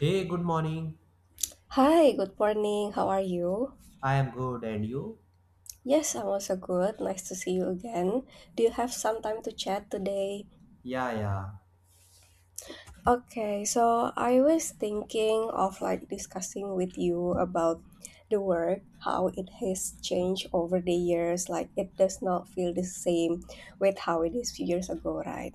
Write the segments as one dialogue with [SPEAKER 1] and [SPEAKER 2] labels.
[SPEAKER 1] Hey, good morning.
[SPEAKER 2] Hi, good morning. How are you?
[SPEAKER 1] I am good, and you?
[SPEAKER 2] Yes, I'm also good. Nice to see you again. Do you have some time to chat today?
[SPEAKER 1] Yeah, yeah,
[SPEAKER 2] Okay, so I was thinking of like discussing with you about the work, how it has changed over the years. Like it does not feel the same with how it is few years ago, right?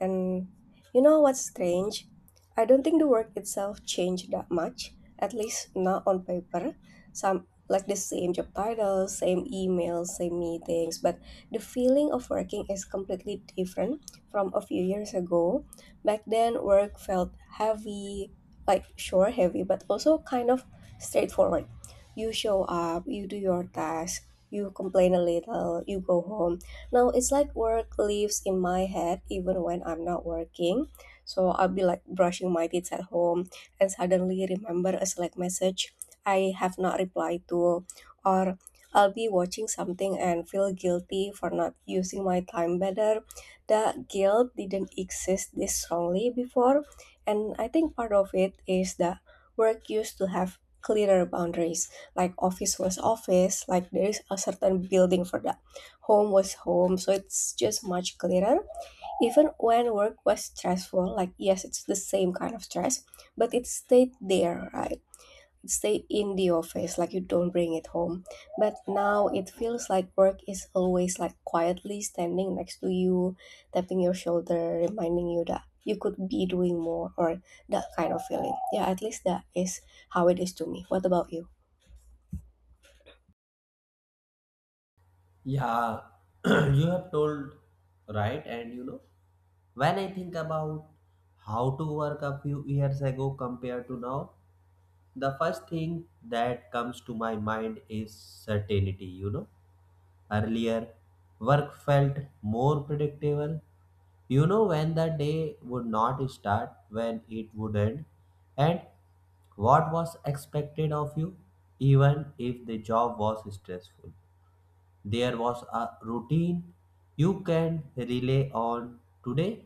[SPEAKER 2] And you know what's strange? I don't think the work itself changed that much, at least not on paper. Some like the same job titles, same emails, same meetings, but the feeling of working is completely different from a few years ago. Back then, work felt heavy, like sure heavy, but also kind of straightforward. You show up, you do your task, you complain a little, you go home. Now it's like work lives in my head even when I'm not working. So I'll be like brushing my teeth at home and suddenly remember a Slack message I have not replied to, or I'll be watching something and feel guilty for not using my time better. The guilt didn't exist this strongly before, and I think part of it is that work used to have clearer boundaries. Like office was office, like there is a certain building for the home was home, so it's just much clearer. Even when work was stressful, like yes, it's the same kind of stress, but it stayed there, right? It stayed in the office, like you don't bring it home. But now it feels like work is always like quietly standing next to you, tapping your shoulder, reminding you that you could be doing more, or that kind of feeling. Yeah, at least that is how it is to me. What about you?
[SPEAKER 1] yeah. you have told right, and when I think about how to work a few years ago compared to now, the first thing that comes to my mind is certainty. Earlier, work felt more predictable. When the day would not start, when it would end, and what was expected of you, even if the job was stressful. There was a routine you can rely on today.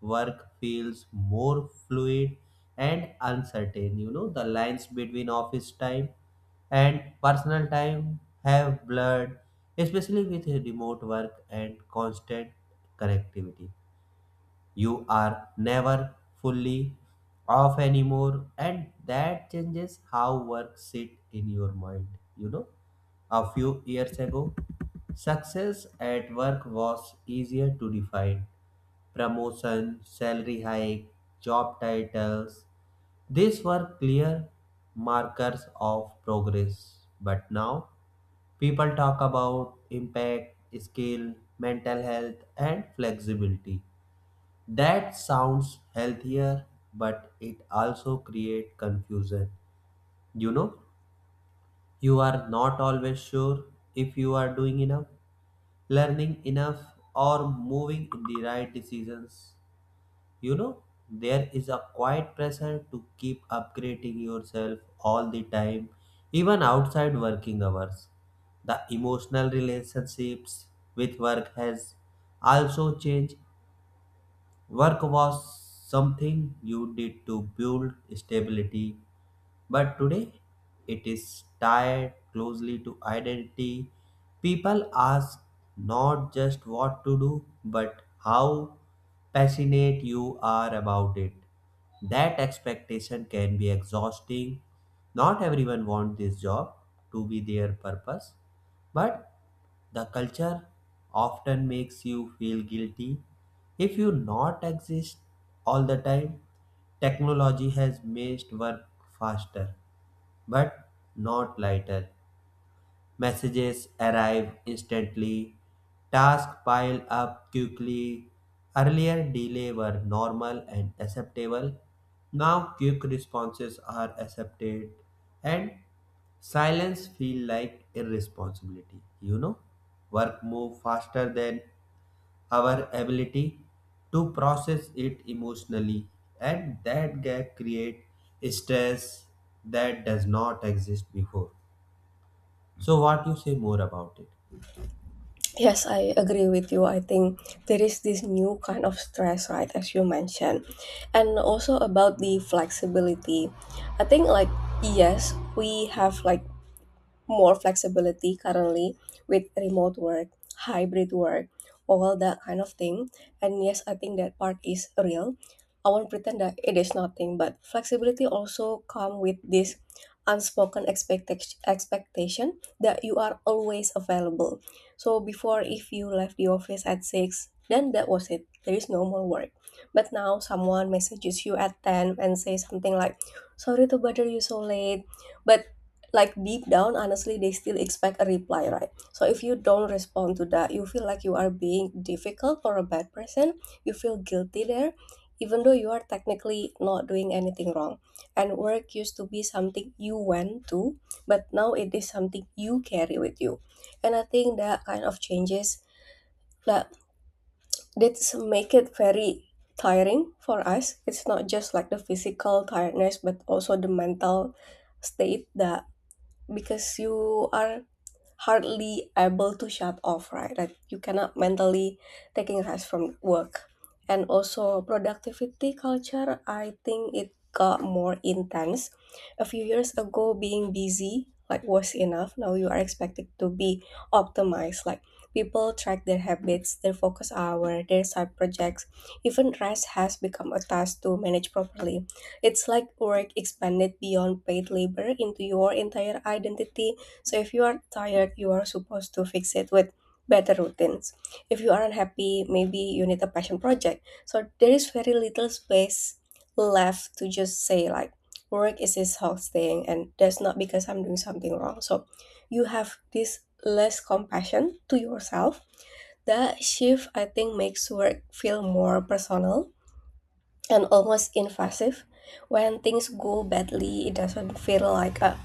[SPEAKER 1] Work feels more fluid and uncertain. The lines between office time and personal time have blurred, especially with remote work and constant connectivity. You are never fully off anymore, and that changes how work sit in your mind. You know, a few years ago, success at work was easier to define. Promotion, salary hike, job titles, these were clear markers of progress, but now people talk about impact, skill, mental health, and flexibility. That sounds healthier, but it also creates confusion. You know, you are not always sure if you are doing enough, learning enough, or moving in the right decisions. You know, there is a quiet pressure to keep upgrading yourself all the time, even outside working hours. The emotional relationships with work has also changed. Work was something you did to build stability, but today it is tied closely to identity. People ask not just what to do, but how passionate you are about it. That expectation can be exhausting. Not everyone wants this job to be their purpose, but the culture often makes you feel guilty if you not exist all the time. Technology has made work faster but not lighter. Messages arrive instantly, tasks pile up quickly. Earlier, delay were normal and acceptable. Now, quick responses are accepted, and silence feel like irresponsibility. Work move faster than our ability to process it emotionally, and that gap create stress that does not exist before. So, what you say more about it?
[SPEAKER 2] Yes, I agree with you. I think there is this new kind of stress, right, as you mentioned. And also about the flexibility. I think, like, yes, we have like more flexibility currently with remote work, hybrid work, all that kind of thing. And yes, I think that part is real. I won't pretend that it is nothing, but flexibility also come with this unspoken expectation that you are always available. So before if you left the office at 6, then that was it. There is no more work. But now someone messages you at 10 and say something like, "Sorry to bother you so late, but" like deep down honestly they still expect a reply, right? So if you don't respond to that you feel like you are being difficult or a bad person. You feel guilty there, even though you are technically not doing anything wrong. And work used to be something you went to, but now it is something you carry with you. And I think that kind of changes, that that's make it very tiring for us. It's not just like the physical tiredness but also the mental state. That because you are hardly able to shut off, right? That you cannot mentally taking rest from work. And also productivity culture, I think it got more intense. A few years ago, being busy like was enough. Now you are expected to be optimized. Like people track their habits, their focus hour, their side projects. Even rest has become a task to manage properly. It's like work expanded beyond paid labor into your entire identity. So if you are tired, you are supposed to fix it with better routines. If you are unhappy, maybe you need a passion project. So there is very little space left to just say like work is exhausting and that's not because I'm doing something wrong. So you have this less compassion to yourself. That shift I think makes work feel more personal and almost invasive. When things go badly, it doesn't feel like a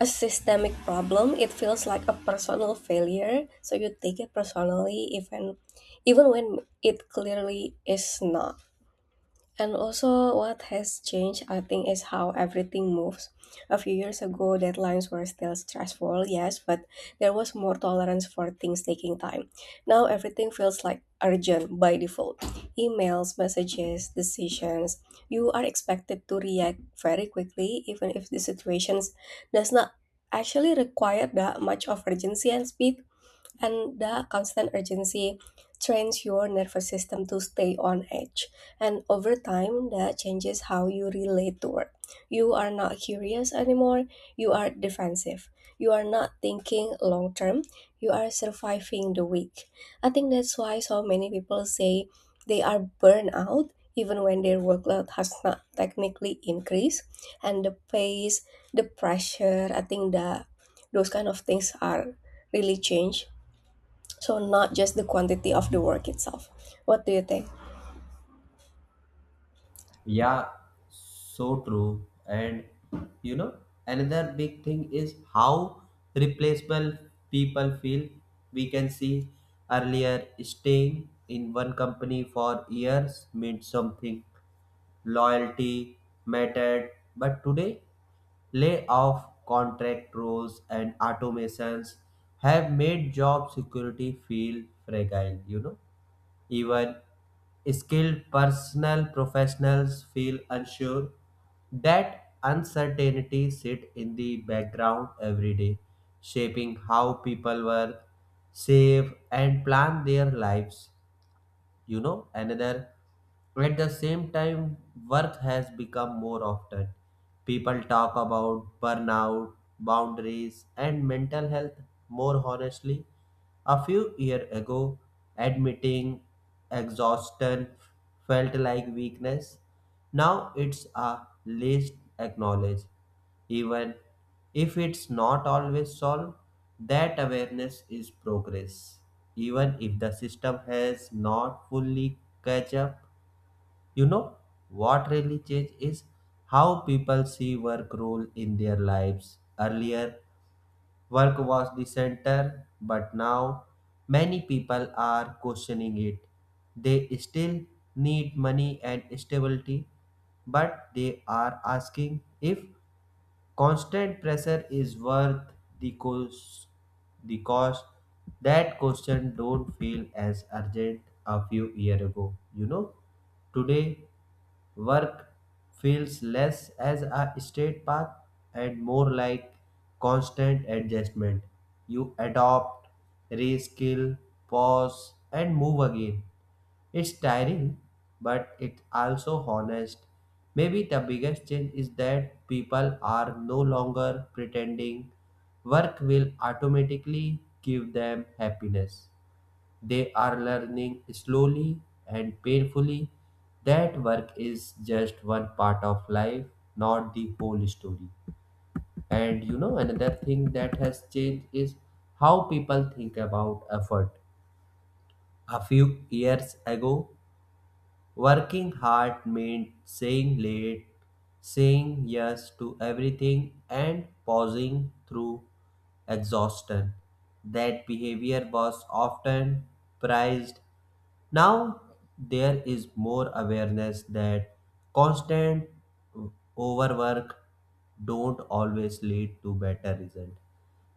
[SPEAKER 2] a systemic problem, it feels like a personal failure. So you take it personally, even even when it clearly is not. And also, what has changed, I think, is how everything moves. A few years ago, deadlines were still stressful, yes, but there was more tolerance for things taking time. Now, everything feels like urgent by default. Emails, messages, decisions. You are expected to react very quickly, even if the situation does not actually require that much of urgency and speed. And the constant urgency trains your nervous system to stay on edge, and over time that changes how you relate to work. You are not curious anymore, you are defensive. You are not thinking long term, you are surviving the week. I think that's why so many people say they are burned out even when their workload has not technically increased. And the pace, the pressure, I think that those kind of things are really change, so not just the quantity of the work itself. What do you think?
[SPEAKER 1] Yeah, so true. And you know, another big thing is how replaceable people feel. We can see earlier staying in one company for years meant something. Loyalty mattered, but today layoff contract rules and automations have made job security feel fragile. Even skilled personal professionals feel unsure. That uncertainty sit in the background every day, shaping how people work, save, and plan their lives. Another at the same time work has become more often people talk about burnout boundaries and mental health more honestly. A few years ago, admitting exhaustion felt like weakness. Now it's a least acknowledged even if it's not always solved. That awareness is progress even if the system has not fully catch up. you know what really changed is how people see work role in their lives. Earlier work was the center, but now many people are questioning it. They still need money and stability, but they are asking if constant pressure is worth the cost. The cost that question don't feel as urgent a few years ago. Today work feels less as a straight path and more like constant adjustment. You adopt, reskill, pause, and move again. It's tiring, but it's also honest. Maybe the biggest change is that people are no longer pretending work will automatically give them happiness. They are learning slowly and painfully that work is just one part of life, not the whole story. And another thing that has changed is how people think about effort. A few years ago, working hard meant saying late, saying yes to everything, and pausing through exhaustion. That behavior was often prized. Now there is more awareness that constant overwork don't always lead to better result.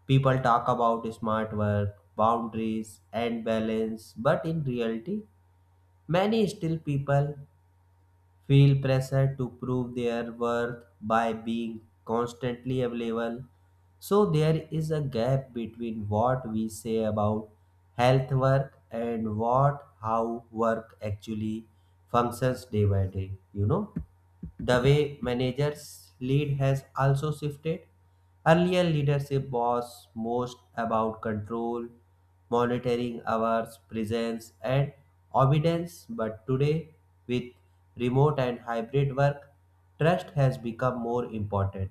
[SPEAKER 1] People talk about smart work, boundaries, and balance, but in reality, many still people feel pressure to prove their worth by being constantly available. So there is a gap between what we say about health work and what how work actually functions day by day. The way managers lead has also shifted. Earlier, leadership was most about control, monitoring hours, presence, and obedience. But today, with remote and hybrid work, trust has become more important.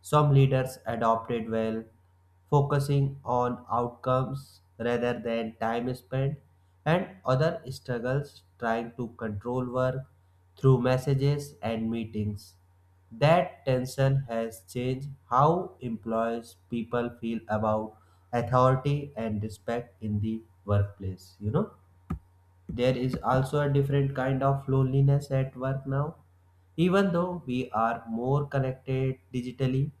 [SPEAKER 1] Some leaders adopted well, focusing on outcomes rather than time spent, and other struggles trying to control work through messages and meetings. That tension has changed how employees people feel about authority and respect in the workplace. There is also a different kind of loneliness at work now even though we are more connected digitally.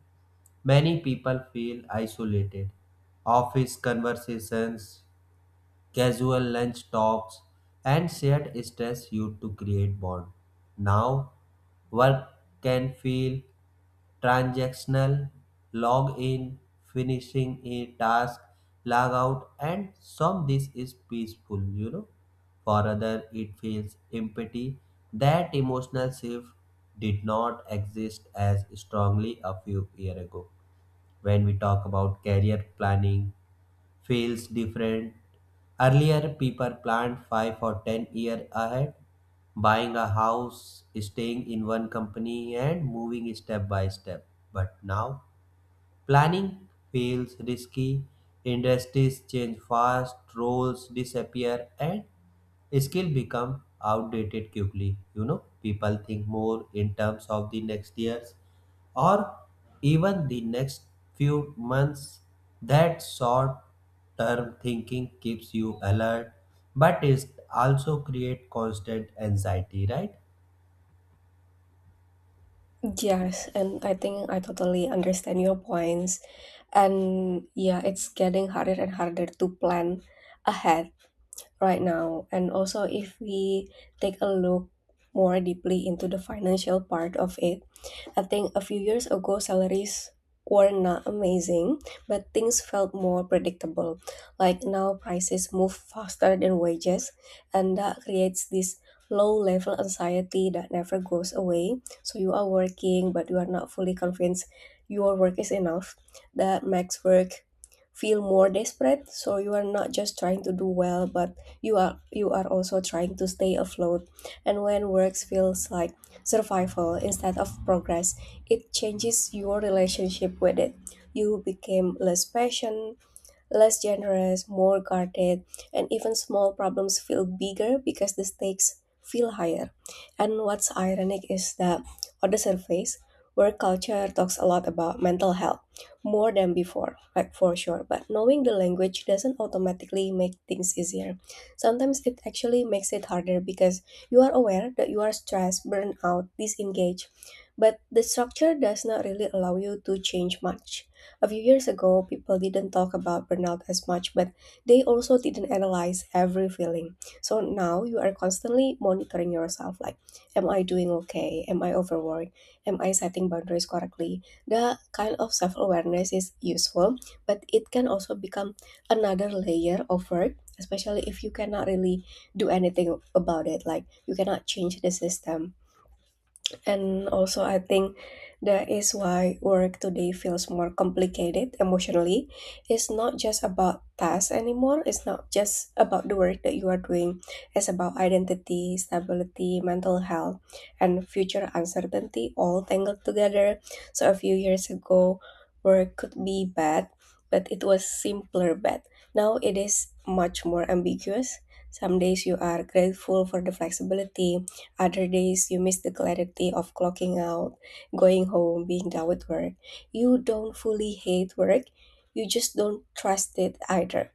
[SPEAKER 1] Many people feel isolated. Office conversations, casual lunch talks, and shared stress used to create bond. Now, work can feel transactional, log in, finishing a task, log out, and some this is peaceful. For other, it feels empty. That emotional shift did not exist as strongly a few years ago when we talk about career planning feels different earlier people planned 5 or 10-year ahead buying a house staying in one company and moving step by step but now planning feels risky industries change fast roles disappear and skill become outdated quickly. People think more in terms of the next years or even the next few months that short term thinking keeps you alert but it also create constant anxiety, right?
[SPEAKER 2] Yes, and I think I totally understand your points. And yeah, it's getting harder and harder to plan ahead right now. And also if we take a look more deeply into the financial part of it, I think a few years ago, salaries were not amazing, but things felt more predictable. Like now, prices move faster than wages, and that creates this low level anxiety that never goes away. So you are working, but you are not fully convinced your work is enough. That makes work feel more desperate, so you are not just trying to do well but you are also trying to stay afloat. And when works feels like survival instead of progress, it changes your relationship with it. You became less patient, less generous, more guarded, and even small problems feel bigger because the stakes feel higher. And what's ironic is that on the surface, work culture talks a lot about mental health more than before, like for sure. But knowing the language doesn't automatically make things easier. Sometimes it actually makes it harder because you are aware that you are stressed, burned out, disengaged, but the structure does not really allow you to change much. A few years ago, people didn't talk about burnout as much, but they also didn't analyze every feeling. So now you are constantly monitoring yourself like, am I doing okay? Am I overworked? Am I setting boundaries correctly? The kind of self awareness is useful, but it can also become another layer of work, especially if you cannot really do anything about it. Like, you cannot change the system. And also, I think that is why work today feels more complicated emotionally. It's not just about tasks anymore. It's not just about the work that you are doing. It's about identity, stability, mental health, and future uncertainty all tangled together. So a few years ago, work could be bad, but it was simpler bad. Now it is much more ambiguous. Some days you are grateful for the flexibility, other days, you miss the clarity of clocking out, going home, being done with work. You don't fully hate work, you just don't trust it either.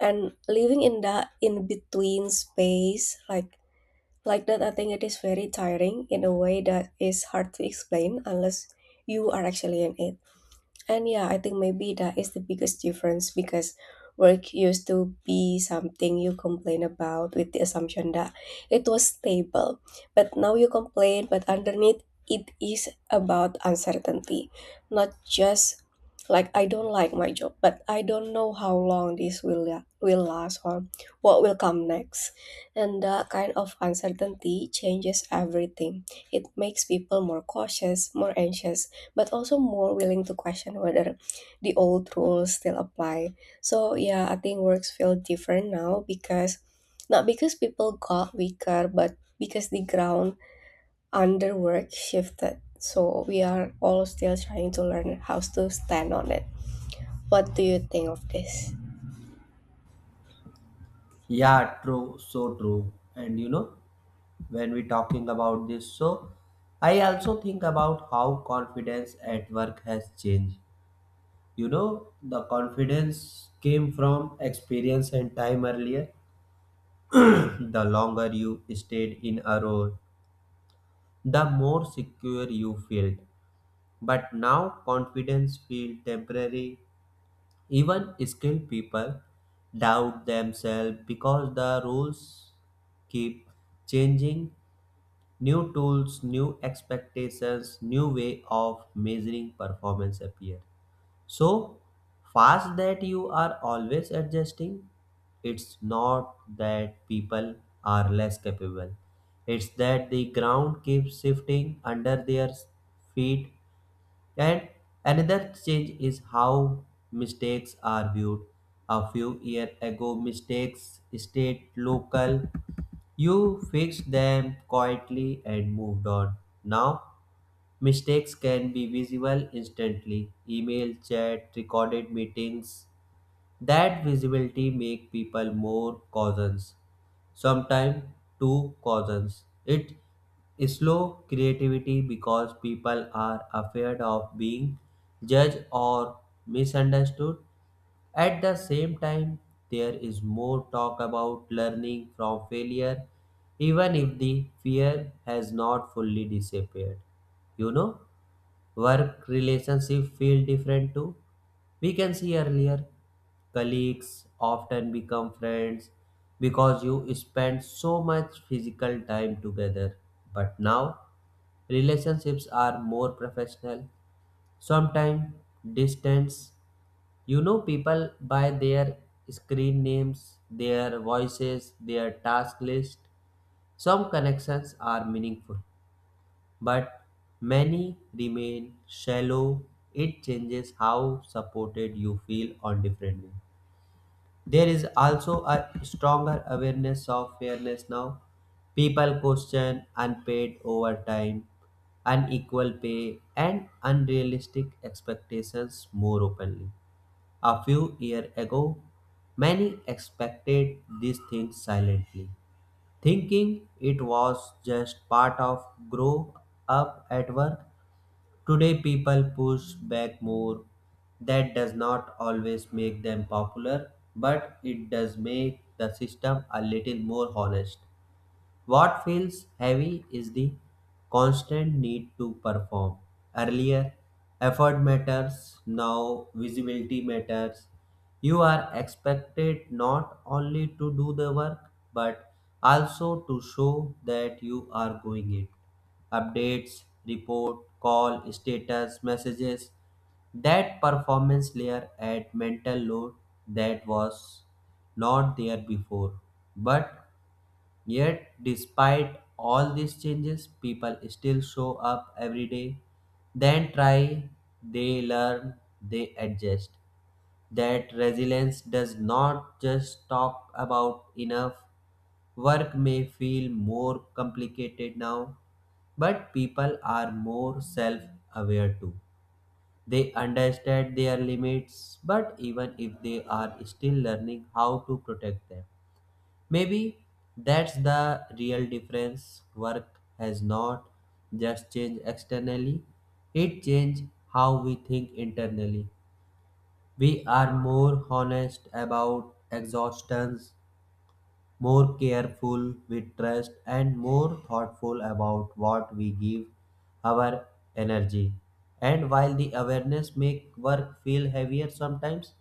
[SPEAKER 2] And living in that in between space, like that, I think it is very tiring in a way that is hard to explain unless you are actually in it. And yeah, I think maybe that is the biggest difference because work used to be something you complain about with the assumption that it was stable. But now you complain, but underneath it is about uncertainty, not just like I don't like my job, but I don't know how long will last or what will come next. And that kind of uncertainty changes everything. It makes people more cautious, more anxious, but also more willing to question whether the old rules still apply. So yeah, I think works feel different now because not because people got weaker, but because the ground under work shifted. So we are all still trying to learn how to stand on it. What do you think of this?
[SPEAKER 1] Yeah, true, so true. And when we talking about this so I also think about how confidence at work has changed. The confidence came from experience and time earlier. The longer you stayed in a role, the more secure you felt. But now confidence feels temporary. Even skilled people doubt themselves because the rules keep changing. New tools, new expectations, new way of measuring performance appear. So fast that you are always adjusting. It's not that people are less capable. It's that the ground keeps shifting under their feet. And another change is how mistakes are viewed. A few years ago, mistakes stayed local. You fixed them quietly and moved on. Now mistakes can be visible instantly. Email, chat, recorded meetings. That visibility make people more cautious. Sometimes too cautious. It slow creativity because people are afraid of being judged or misunderstood. At the same time, there is more talk about learning from failure, even if the fear has not fully disappeared. You know? Work relationship feel different too. We can see earlier colleagues often become friends because you spend so much physical time together, but now relationships are more professional, sometimes distance. People by their screen names, their voices, their task list. Some connections are meaningful, but many remain shallow. It changes how supported you feel on different days. There is also a stronger awareness of fairness now. People question unpaid overtime, unequal pay, and unrealistic expectations more openly. A few years ago, many expected these things silently, thinking it was just part of grow up at work. Today, people push back more. That does not always make them popular, but it does make the system a little more honest. What feels heavy is the constant need to perform. Earlier, effort matters, now visibility matters. You are expected not only to do the work but also to show that you are going it. Updates, report, call, status, messages. That performance layer add mental load that was not there before. But yet, despite all these changes, people still show up every day, then try, they learn, they adjust. That resilience does not just talk about enough. Work may feel more complicated now, but people are more self aware too. They understand their limits, but even if they are still learning how to protect them. Maybe that's the real difference. Work has not just changed externally, it changed how we think internally. We are more honest about exhaustions, more careful with trust and more thoughtful about what we give our energy. And while the awareness make work feel heavier sometimes,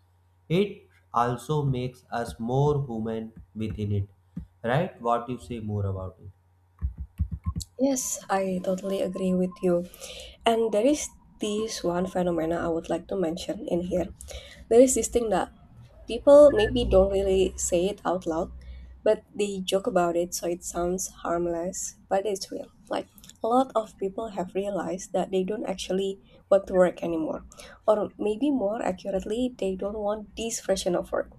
[SPEAKER 1] it also makes us more human within it, right? What you say more about it?
[SPEAKER 2] Yes, I totally agree with you. And there is this one phenomena I would like to mention in here. There is this thing that people maybe don't really say it out loud, but they joke about it so it sounds harmless, but it's real. Like a lot of people have realized that they don't actually want to work anymore. Or maybe more accurately, they don't want this version of work.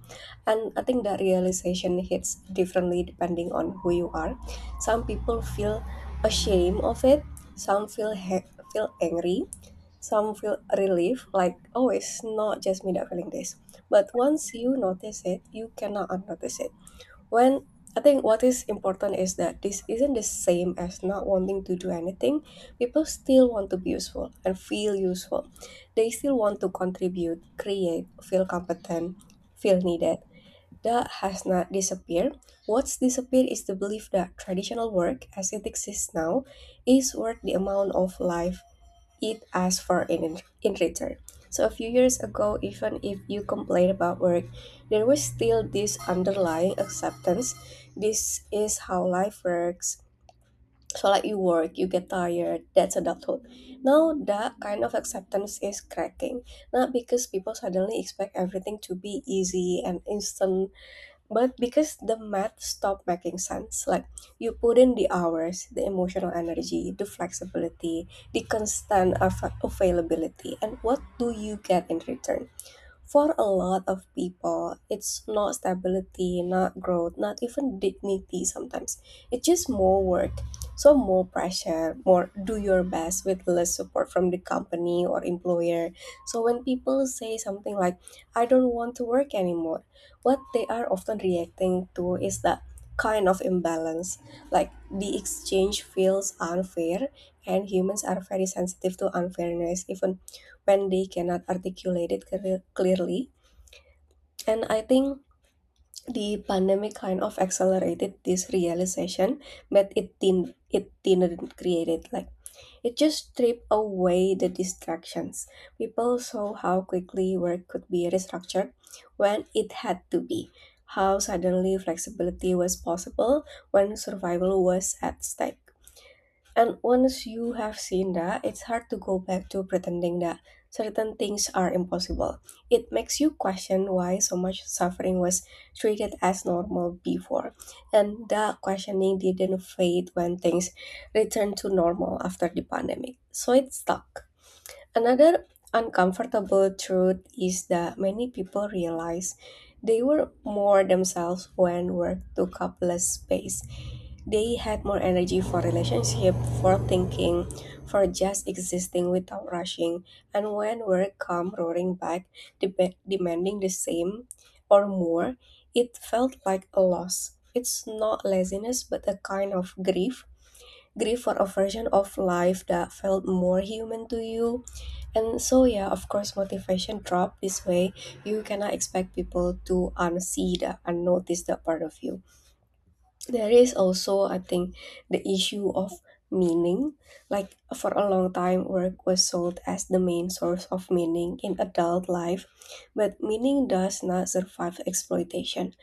[SPEAKER 2] And I think that realization hits differently depending on who you are. Some people feel ashamed of it, some feel feel angry, some feel relief, like, oh, it's not just me that feeling this. But once you notice it, you cannot unnotice it. When I think what is important is that this isn't the same as not wanting to do anything. People still want to be useful and feel useful. They still want to contribute, create, feel competent, feel needed. That has not disappeared. What's disappeared is the belief that traditional work, as it exists now, is worth the amount of life it asks for in return. So a few years ago, even if you complained about work, there was still this underlying acceptance. This is how life works. So like you work, you get tired, that's adulthood. Now that kind of acceptance is cracking. Not because people suddenly expect everything to be easy and instant, but because the math stopped making sense. Like you put in the hours, the emotional energy, the flexibility, the constant availability, and what do you get in return? For a lot of people, it's not stability, not growth, not even dignity sometimes. It's just more work. So, more pressure, more do your best with less support from the company or employer. So, when people say something like, I don't want to work anymore, what they are often reacting to is that kind of imbalance. Like, the exchange feels unfair, and humans are very sensitive to unfairness, even when they cannot articulate it clearly. And I think the pandemic kind of accelerated this realization, but it didn't create it. Like it just stripped away the distractions. People saw how quickly work could be restructured when it had to be. How suddenly flexibility was possible when survival was at stake. And once you have seen that, it's hard to go back to pretending that certain things are impossible. It makes you question why so much suffering was treated as normal before. And that questioning didn't fade when things returned to normal after the pandemic. So it stuck. Another uncomfortable truth is that many people realize they were more themselves when work took up less space. They had more energy for relationship, for thinking, for just existing without rushing. And when work come roaring back, demanding the same or more, it felt like a loss. It's not laziness, but a kind of grief. Grief for a version of life that felt more human to you, and so yeah, of course, motivation drop this way. You cannot expect people to unsee the unnotice that part of you. There is also, I think, the issue of meaning. Like for a long time, work was sold as the main source of meaning in adult life, but meaning does not survive exploitation.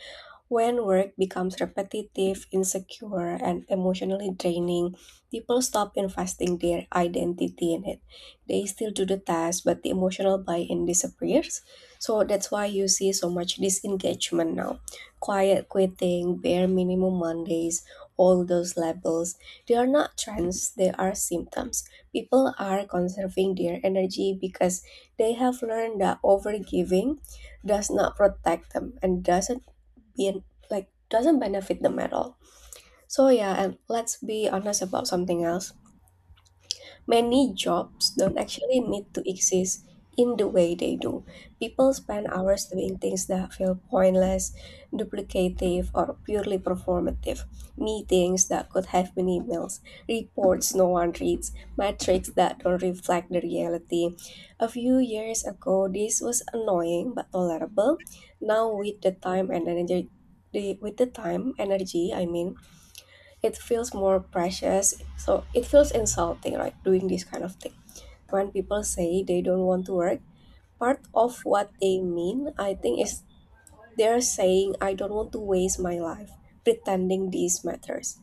[SPEAKER 2] When work becomes repetitive, insecure, and emotionally draining, people stop investing their identity in it. They still do the task, but the emotional buy in disappears. So that's why you see so much disengagement now. Quiet quitting, bare minimum Mondays, all those labels. They are not trends, they are symptoms. People are conserving their energy because they have learned that overgiving does not protect them and doesn't be like doesn't benefit them at all. So yeah, and let's be honest about something else. Many jobs don't actually need to exist in the way they do. People spend hours doing things that feel pointless, duplicative, or purely performative. Meetings that could have been emails, reports no one reads, metrics that don't reflect the reality. A few years ago, this was annoying but tolerable. Now, with the time, energy, I mean, it feels more precious. So it feels insulting, right? Doing this kind of thing. When people say they don't want to work, part of what they mean, I think, is they're saying, I don't want to waste my life pretending these matters.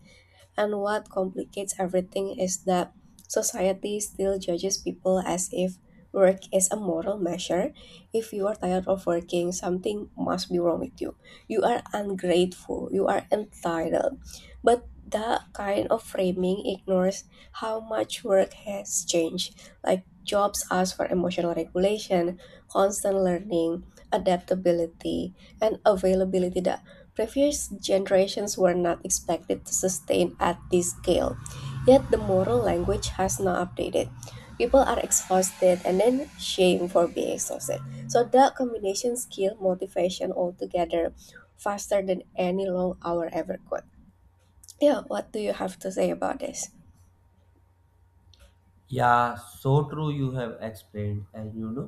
[SPEAKER 2] And what complicates everything is that society still judges people as if work is a moral measure. If you are tired of working, something must be wrong with you. You are ungrateful, you are entitled. But that kind of framing ignores how much work has changed. Like jobs ask for emotional regulation, constant learning, adaptability, and availability that previous generations were not expected to sustain at this scale, yet the moral language has not updated. People are exhausted and then shamed for being exhausted. So that combination skill motivation altogether faster than any long hour ever could. Yeah, what do you have to say about this?
[SPEAKER 1] Yeah, so true. You have explained. And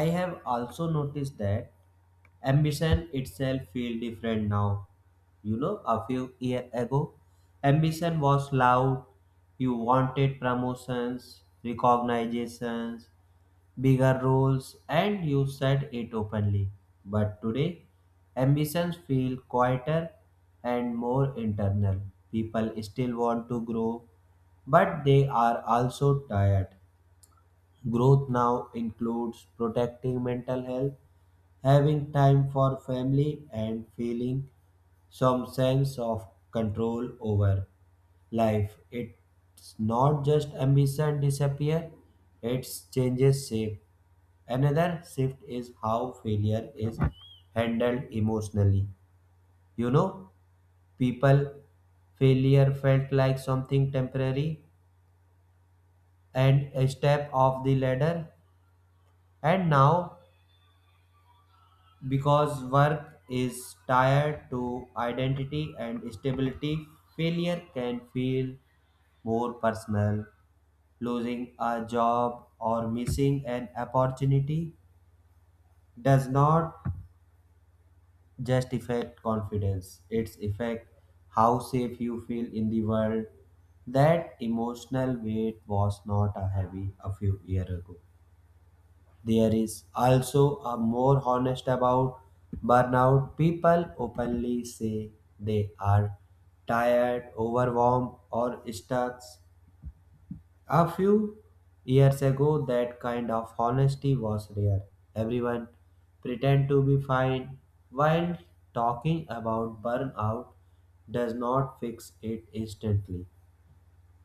[SPEAKER 1] I have also noticed that ambition itself feel different now. A few year ago ambition was loud. You wanted promotions, recognitions, bigger roles, and you said it openly. But today ambitions feel quieter and more internal. People still want to grow, but they are also tired. Growth now includes protecting mental health, having time for family, and feeling some sense of control over life. It's not just ambition disappear, it's changes shape. Another shift is how failure is handled emotionally. you know people failure felt like something temporary and a step off the ladder. And now because work is tied to identity and stability, failure can feel more personal. Losing a job or missing an opportunity does not just affect confidence, it's affect how safe you feel in the world. That emotional weight was not a heavy a few years ago. There is also a more honest about burnout. People openly say they are tired, overwhelmed, or stuck. A few years ago, that kind of honesty was rare. Everyone pretend to be fine while talking about burnout does not fix it instantly.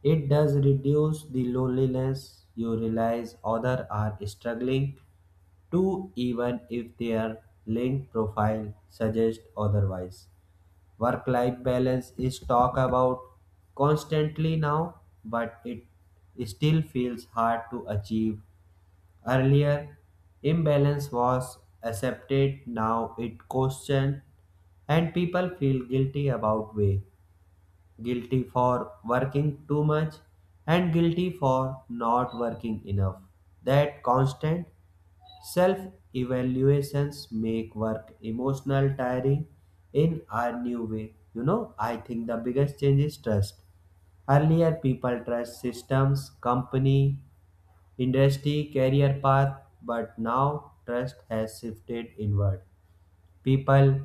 [SPEAKER 1] It does reduce the loneliness. You realize others are struggling Two, even if their LinkedIn profile suggests otherwise. Work life balance is talked about constantly now, but it still feels hard to achieve. Earlier, imbalance was accepted, now it questioned, and people feel guilty about way. Guilty for working too much and guilty for not working enough. That constant self evaluations make work emotional tiring in a new way. I think the biggest change is trust. Earlier, people trust systems, company, industry, career path, but now trust has shifted inward. People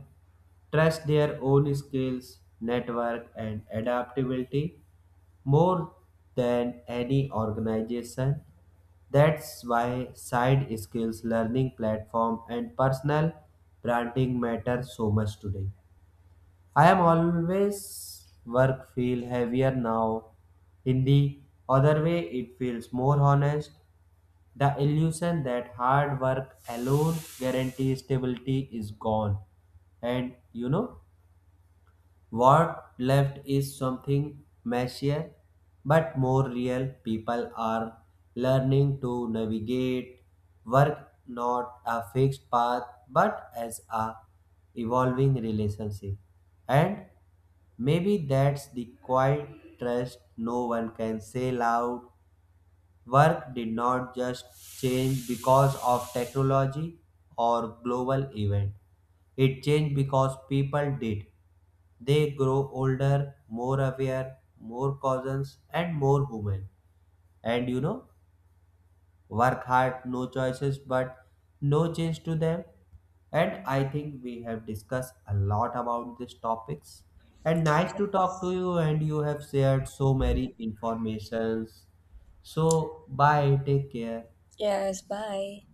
[SPEAKER 1] trust their own skills, network, and adaptability more than any organization. That's why side skills, learning platform, and personal branding matter so much today. I am always work feel heavier now. In the other way, it feels more honest. The illusion that hard work alone guarantees stability is gone. And what left is something messier but more real. People are learning to navigate work not a fixed path but as a evolving relationship. And maybe that's the quiet trust no one can say loud. Work did not just change because of technology or global event. It changed because people did. They grow older, more aware, more cousins, and more human. And work hard, no choices, but no change to them. And I think we have discussed a lot about these topics. And nice to talk to you, and you have shared so many informations. So, bye, take care.
[SPEAKER 2] Yes, bye.